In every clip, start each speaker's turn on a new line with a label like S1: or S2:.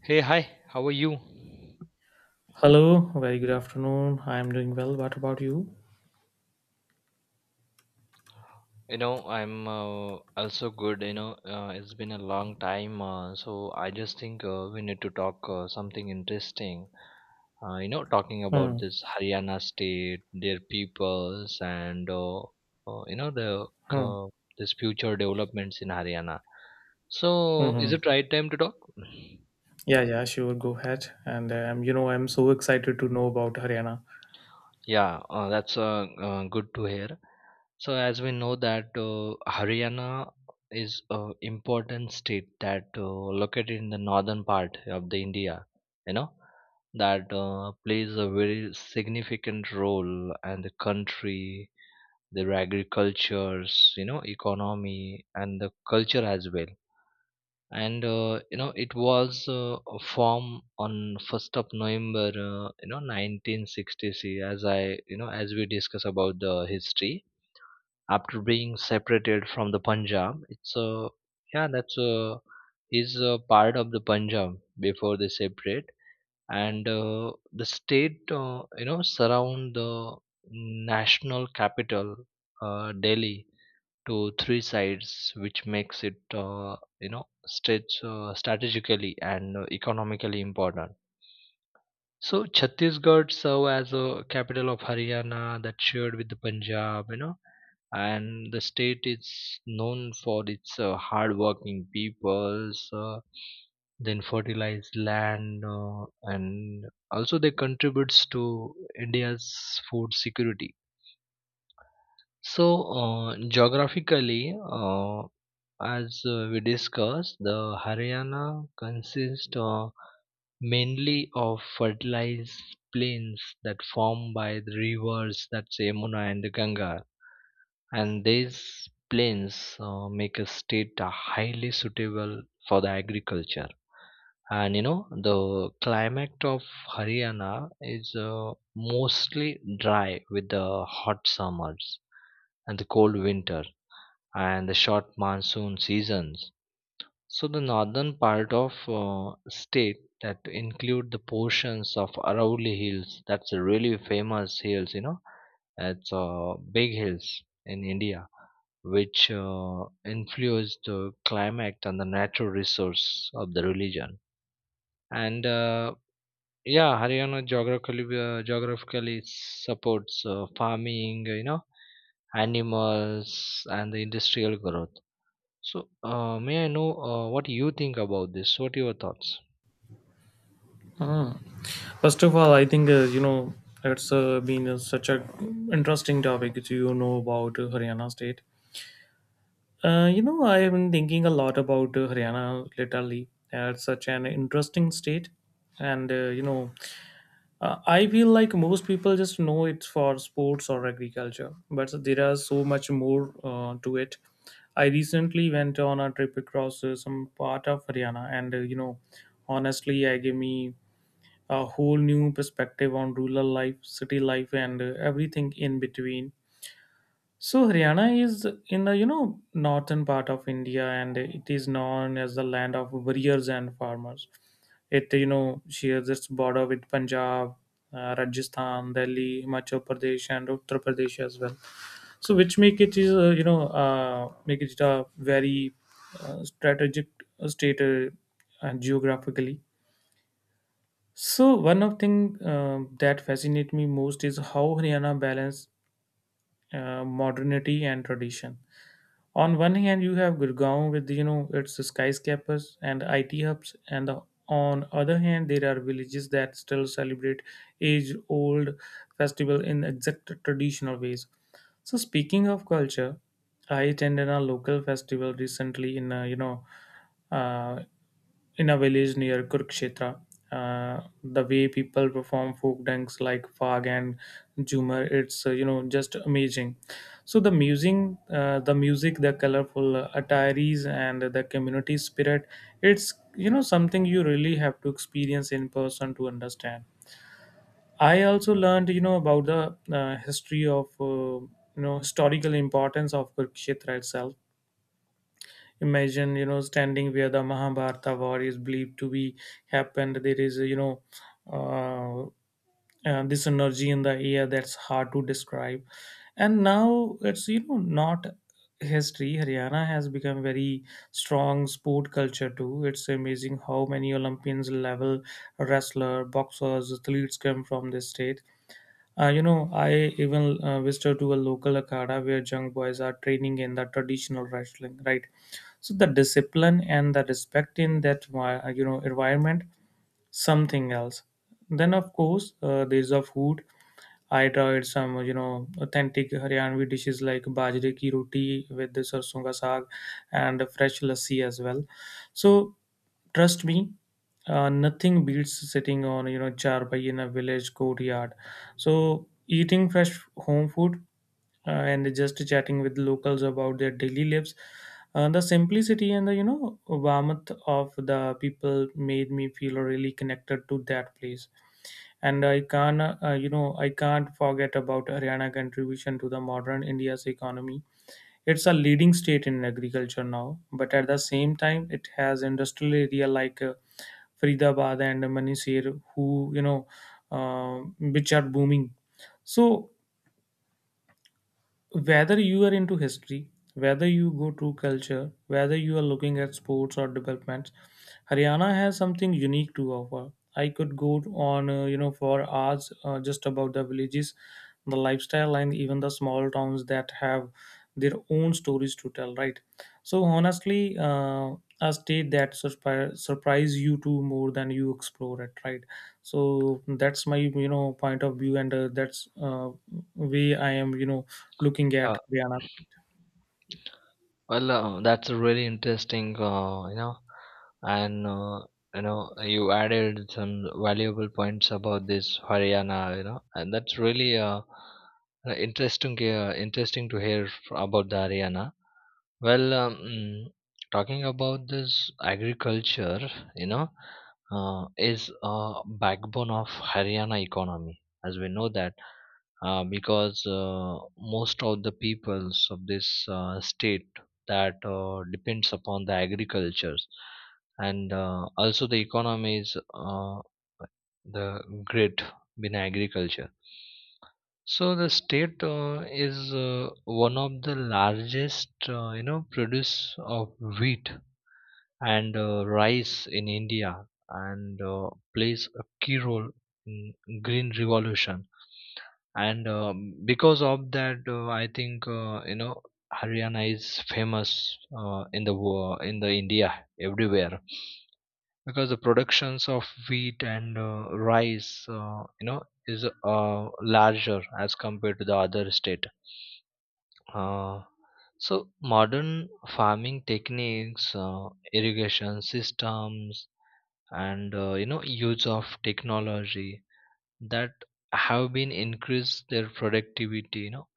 S1: Hey, hi, how are you?
S2: Hello, very good afternoon. I am doing well. What about you?
S1: I'm also good. It's been a long time, so I just think we need to talk something interesting. Talking about
S2: Hmm.
S1: this Haryana state, their peoples, and you know the
S2: Hmm.
S1: uh, this future developments in Haryana. So, is
S2: hmm
S1: it right time to talk?
S2: Yeah, yeah, sure. Go ahead. I'm so excited to know about Haryana.
S1: Yeah, that's good to hear. So, as we know that Haryana is an important state that located in the northern part of the India, you know, that plays a very significant role in the country, their agricultures, you know, economy and the culture as well, and you know it was formed on 1st of November, you know, 1960. As I you know as we discuss about the history, after being separated from the Punjab, it's yeah that's is a part of the Punjab before they separate. And the state you know surround the national capital, Delhi, to three sides, which makes it you know stretch strategically and economically important. So Chhattisgarh served as a capital of Haryana that shared with the Punjab, you know, and the state is known for its hardworking peoples, then fertilized land, and also they contributes to India's food security. So, geographically, as we discussed, the Haryana consists mainly of fertilized plains that form by the rivers, that's Yamuna and the Ganga, and these plains make a state highly suitable for the agriculture. And you know, the climate of Haryana is mostly dry with the hot summers and the cold winter and the short monsoon seasons. So the northern part of state that include the portions of Aravalli Hills. That's a really famous hills, you know. It's big hills in India, which influence the climate and the natural resource of the religion. And yeah, Haryana geographically geographically supports farming, you know, animals and the industrial growth. So, may I know what you think about this? What are your thoughts?
S2: Hmm. First of all, I think you know it's been such a interesting topic to about Haryana state. I have been thinking a lot about Haryana lately. It's such an interesting state, and I feel like most people just know it's for sports or agriculture, but there are so much more to it. I recently went on a trip across some part of Haryana, and honestly, I gave me a whole new perspective on rural life, city life, and everything in between. So Haryana is in the northern part of India, and it is known as the land of warriors and farmers. It shares its border with Punjab, Rajasthan, Delhi, Himachal Pradesh, and Uttar Pradesh as well. So which make it is you know make it a very strategic state geographically. So one of thing that fascinate me most is how Haryana balance modernity and tradition. On one hand you have Gurgaon with its skyscrapers and it hubs, on other hand there are villages that still celebrate age old festival in exact traditional ways. So speaking of culture, I attended a local festival recently in a, you know uh, in a village near Kurukshetra. The way people perform folk dances like Fag and Jhumar, it's just amazing. So the music, the colorful attires, and the community spirit. It's something you really have to experience in person to understand. I also learned about the history of you know historical importance of Kurukshetra itself. Imagine standing where the Mahabharata war is believed to be happened. There is Uh, this energy in the air that's hard to describe. And now it's not history, Haryana has become very strong sport culture too. It's amazing how many olympians level wrestler boxers athletes come from this state. I even visited to a local akhada where young boys are training in the traditional wrestling, right? So the discipline and the respect in that environment, something else. Then of course there's a food. I tried some, authentic Haryanvi dishes like bajre ki roti with the sarson ka saag and fresh lassi as well. So trust me, nothing beats sitting on, charpai in a village courtyard. So eating fresh home food and just chatting with locals about their daily lives. The simplicity and the warmth of the people made me feel really connected to that place. And I can I can't forget about Haryana contribution to the modern India's economy. It's a leading state in agriculture now, but at the same time it has industrial area like Faridabad and Manisir who uh, which are booming. So whether you are into history, whether you go to culture, whether you are looking at sports or developments, Haryana has something unique to offer. I could go on, for hours just about the villages, the lifestyle, and even the small towns that have their own stories to tell, right? So honestly, a state that surprise you to more than you explore it, right? So that's my, point of view, and that's way I am, looking at
S1: Yeah,
S2: Rihanna.
S1: well, that's a really interesting, you know, and you know, you added some valuable points about this Haryana, you know, and that's really interesting, interesting to hear about the Haryana. Well, talking about this agriculture, you know, is a backbone of Haryana economy, as we know that, because most of the peoples of this state, that depends upon the agricultures, and also the economy is the grid in agriculture. So the state is one of the largest you know produce of wheat and rice in India, and plays a key role in green revolution. And because of that I think you know Haryana is famous in the India everywhere, because the productions of wheat and rice, you know, is larger as compared to the other state. uh, so modern farming techniques, irrigation systems, and you know use of technology, that have been increased their productivity, you know.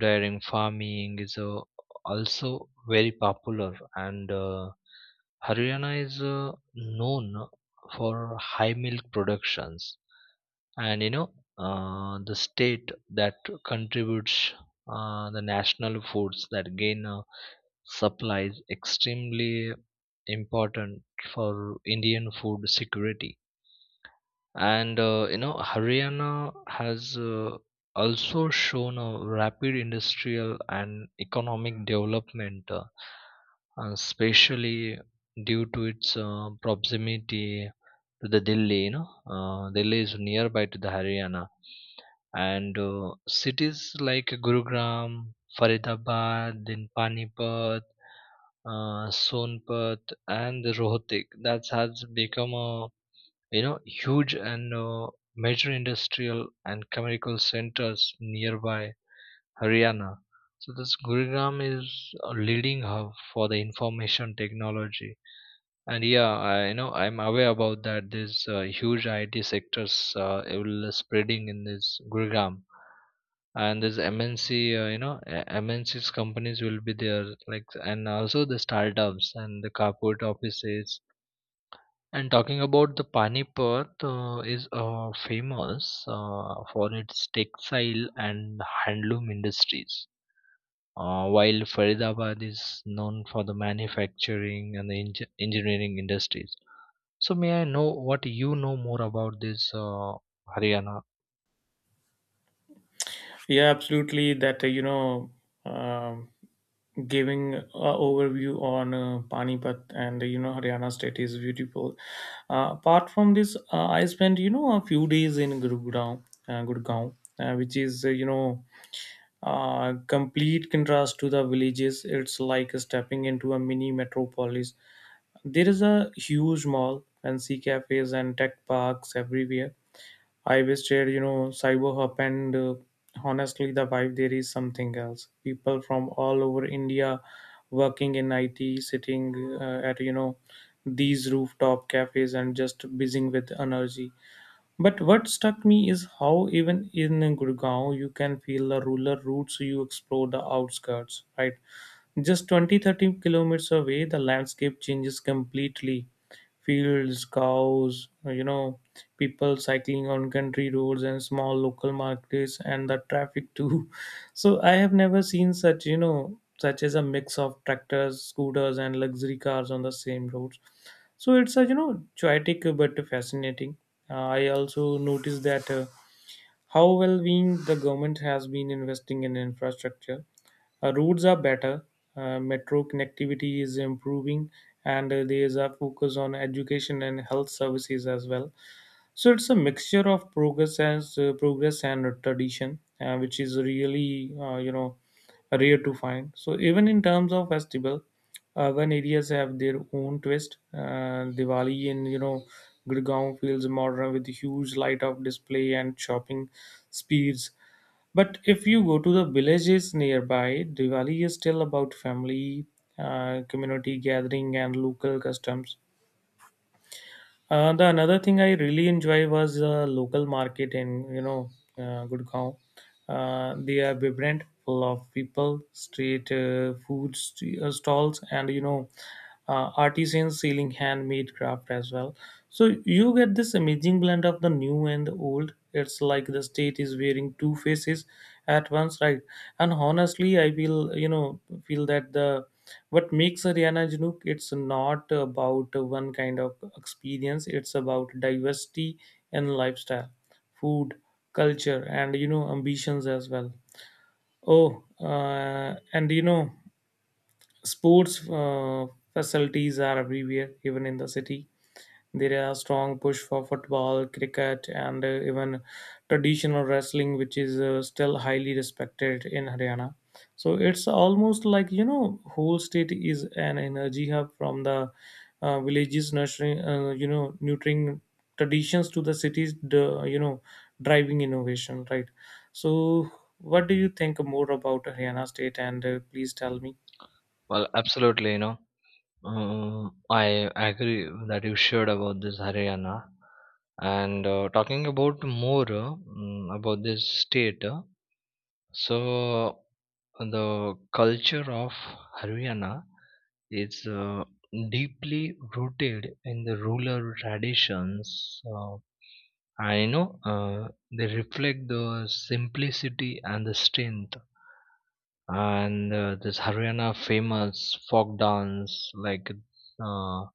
S1: Dairy farming is also very popular, and Haryana is known for high milk productions. And you know, the state that contributes the national foods that gain supplies extremely important for Indian food security. And you know Haryana has also shown a rapid industrial and economic development, especially due to its proximity to the Delhi. You know, Delhi is nearby to the Haryana, and cities like Gurugram, Faridabad, then Panipat, Sonpat, and Rohtak, that has become a you know huge and major industrial and chemical centers nearby Haryana. So this Gurgaon is a leading hub for the information technology. And yeah, I you know I'm aware about that. There's huge IT sectors, it will spreading in this Gurgaon, and this MNC, MNC's companies will be there, like, and also the startups and the corporate offices. And talking about the Panipat, is famous for its textile and handloom industries. While Faridabad is known for the manufacturing and the engineering industries. So may I know what you know more about this Haryana?
S2: Yeah, absolutely. That um giving a overview on Panipat and Haryana state is beautiful. Apart from this, I spent a few days in Gurgaon, which is complete contrast to the villages. It's like stepping into a mini metropolis. There is a huge mall, fancy cafes, and tech parks everywhere. I was chair, cyber hub, and honestly, the vibe there is something else. People from all over India working in IT, sitting at, these rooftop cafes and just buzzing with energy. But what struck me is how even in Gurgaon you can feel the rural roots. You explore the outskirts, right? Just 20, 30 kilometers away, the landscape changes completely. Fields, cows, people cycling on country roads and small local markets and the traffic too. So I have never seen such, such as a mix of tractors, scooters, and luxury cars on the same roads. So it's a, chaotic but fascinating. I also noticed that how well being the government has been investing in infrastructure. Roads are better, metro connectivity is improving, and there is a focus on education and health services as well. So it's a mixture of progress and tradition, which is really rare to find. So even in terms of festival, urban areas have their own twist. Diwali in Gurgaon feels modern with huge light up display and shopping speeds. But if you go to the villages nearby, Diwali is still about family, community gathering, and local customs. The another thing I really enjoy was local market in Gurgaon. They are vibrant, full of people, street food stalls, and artisans selling handmade craft as well. So you get this amazing blend of the new and the old. It's like the state is wearing two faces at once, right? And honestly, I feel you know feel that the what makes a Rihanna janook, it's not about one kind of experience, it's about diversity and lifestyle, food, culture, and ambitions as well. Oh, and sports facilities are everywhere, even in the city. There are strong push for football, cricket, and even traditional wrestling, which is still highly respected in Haryana. So it's almost like whole state is an energy hub, from the villages nurturing, nurturing traditions to the cities, driving innovation, right? So, what do you think more about Haryana state? And please tell me.
S1: Well, absolutely, you know, I agree that you shared about this Haryana. And talking about more about this state. So the culture of Haryana is deeply rooted in the rural traditions. I know they reflect the simplicity and the strength. And this Haryana famous folk dance like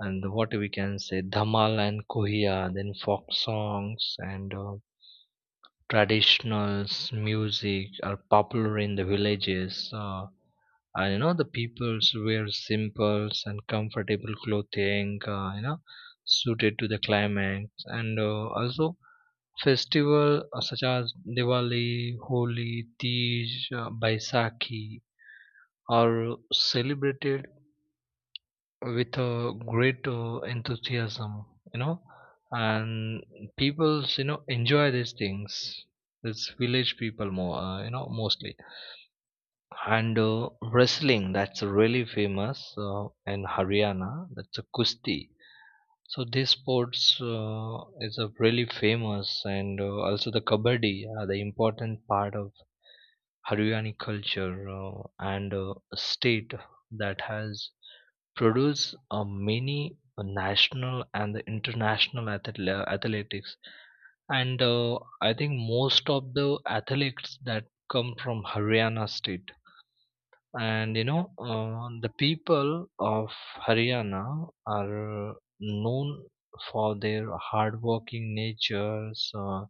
S1: and what we can say, Dhamal and Kohiya, then folk songs and traditionals music are popular in the villages. So, and you know the peoples wear simple and comfortable clothing, you know, suited to the climate, and also festival such as Diwali, Holi, Tej, Baisakhi are celebrated with a great enthusiasm, you know, and people you know enjoy these things. It's village people more, you know, mostly. And wrestling, that's really famous in Haryana, that's a kusti. So these sports is a really famous, and also the kabaddi are the important part of Haryani culture. And state that has produced many national and the international athletics, and I think most of the athletes that come from Haryana state. And you know, the people of Haryana are known for their hardworking natures,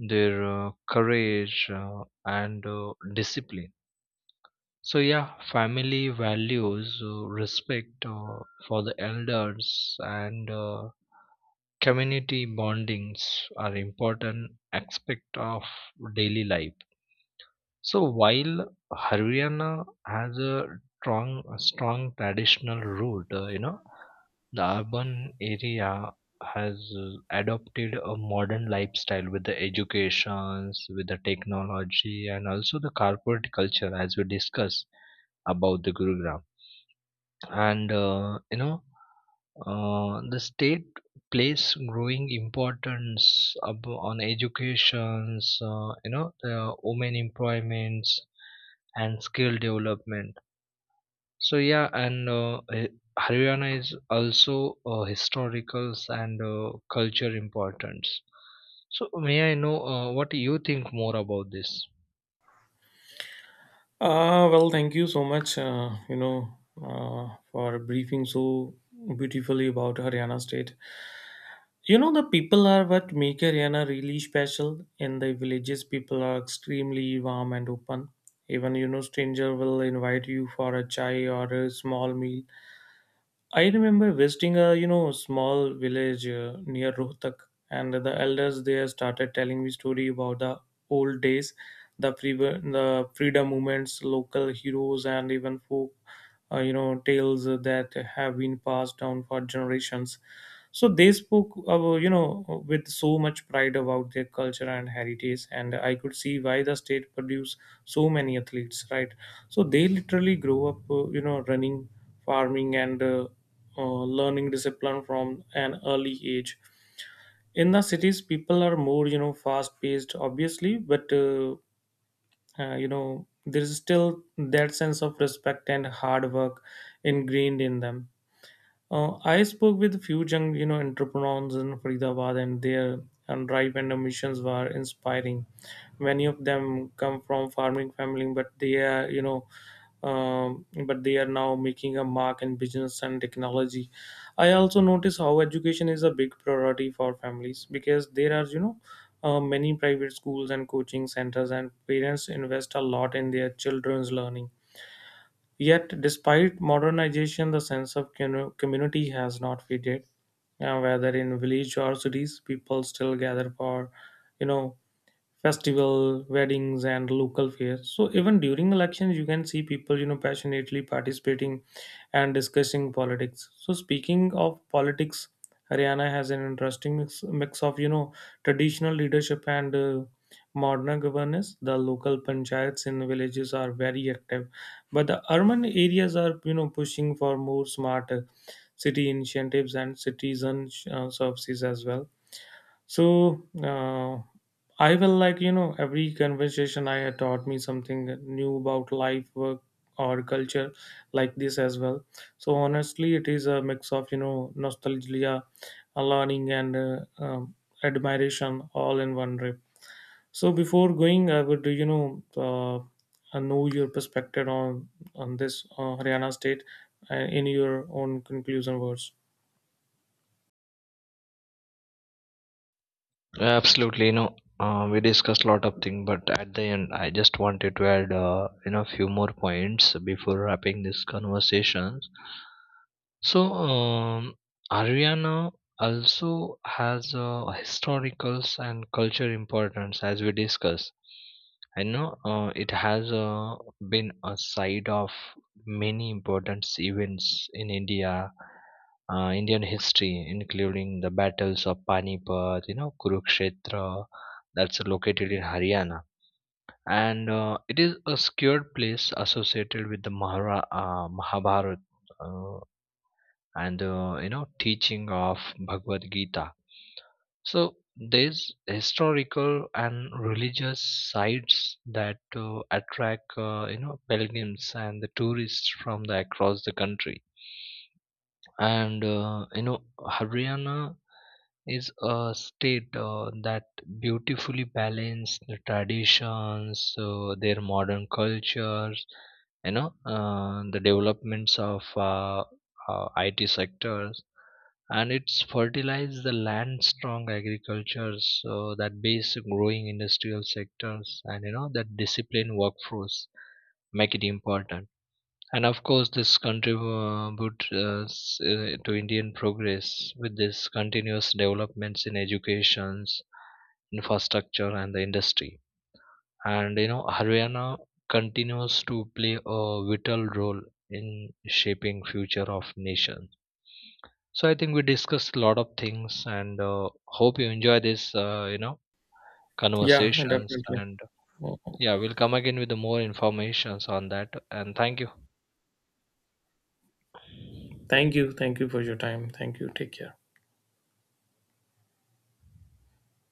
S1: their courage, and discipline. So yeah, family values, respect for the elders, and community bondings are important aspect of daily life. So while Haryana has a strong traditional root, you know, the urban area has adopted a modern lifestyle with the educations, with the technology, and also the corporate culture, as we discussed about the Gurugram. And you know, the state plays growing importance on educations, you know, the women employments and skill development. So yeah, and Haryana is also historicals and culture importance. So may I know what you think more about this?
S2: Well, thank you so much, for briefing so beautifully about Haryana state. You know, the people are what make Haryana really special. In the villages, people are extremely warm and open. Even, stranger will invite you for a chai or a small meal. I remember visiting a small village near Rohtak, and the elders there started telling me story about the old days, the freedom movements, local heroes, and even folk tales that have been passed down for generations. So they spoke with so much pride about their culture and heritage, and I could see why the state produced so many athletes, right? So they literally grow up running, farming, and learning discipline from an early age. In the cities people are more fast paced obviously, but there's still that sense of respect and hard work ingrained in them. I spoke with a few young, entrepreneurs in Faridabad, and their and drive and ambitions were inspiring. Many of them come from farming family, but they are, but they are now making a mark in business and technology. I also notice how education is a big priority for families because there are, many private schools and coaching centers, and parents invest a lot in their children's learning. Yet, despite modernization, the sense of community has not faded. Whether in village or cities, people still gather for, you know, festival weddings and local fairs. So even during elections you can see people passionately participating and discussing politics. So speaking of politics, Haryana has an interesting mix of traditional leadership and modern governance. The local panchayats in villages are very active, but the urban areas are pushing for more smart city initiatives and citizen services as well. so uh, I will like, every conversation I had taught me something new about life, work, or culture like this as well. So honestly, it is a mix of, nostalgia, learning, and admiration all in one trip. So before going, I would, know your perspective on this Haryana state in your own conclusion words.
S1: Absolutely, you know, we discussed a lot of things, but at the end, I just wanted to add, you know, few more points before wrapping this conversation. So, Ariana also has a historicals and culture importance as we discuss. I know it has been a site of many important events in India, Indian history, including the battles of Panipat, you know, Kurukshetra, that's located in Haryana. And it is a secured place associated with the Mahabharata and you know teaching of Bhagavad Gita. So there's historical and religious sites that attract you know pilgrims and the tourists from the across the country. And you know Haryana is a state that beautifully balance the traditions, their modern cultures, you know, the developments of IT sectors, and it's fertilized the land strong agricultures, so that base growing industrial sectors and you know that disciplined workforce make it important. And of course, this contribute to Indian progress with this continuous developments in educations, infrastructure, and the industry. And you know, Haryana continues to play a vital role in shaping future of nation. So I think we discussed a lot of things, and hope you enjoy this, you know,
S2: Yeah,
S1: conversations.
S2: definitely.
S1: And yeah, we'll come again with the more informations on that. And thank you.
S2: Thank you. Thank you for your time. Thank you. Take care.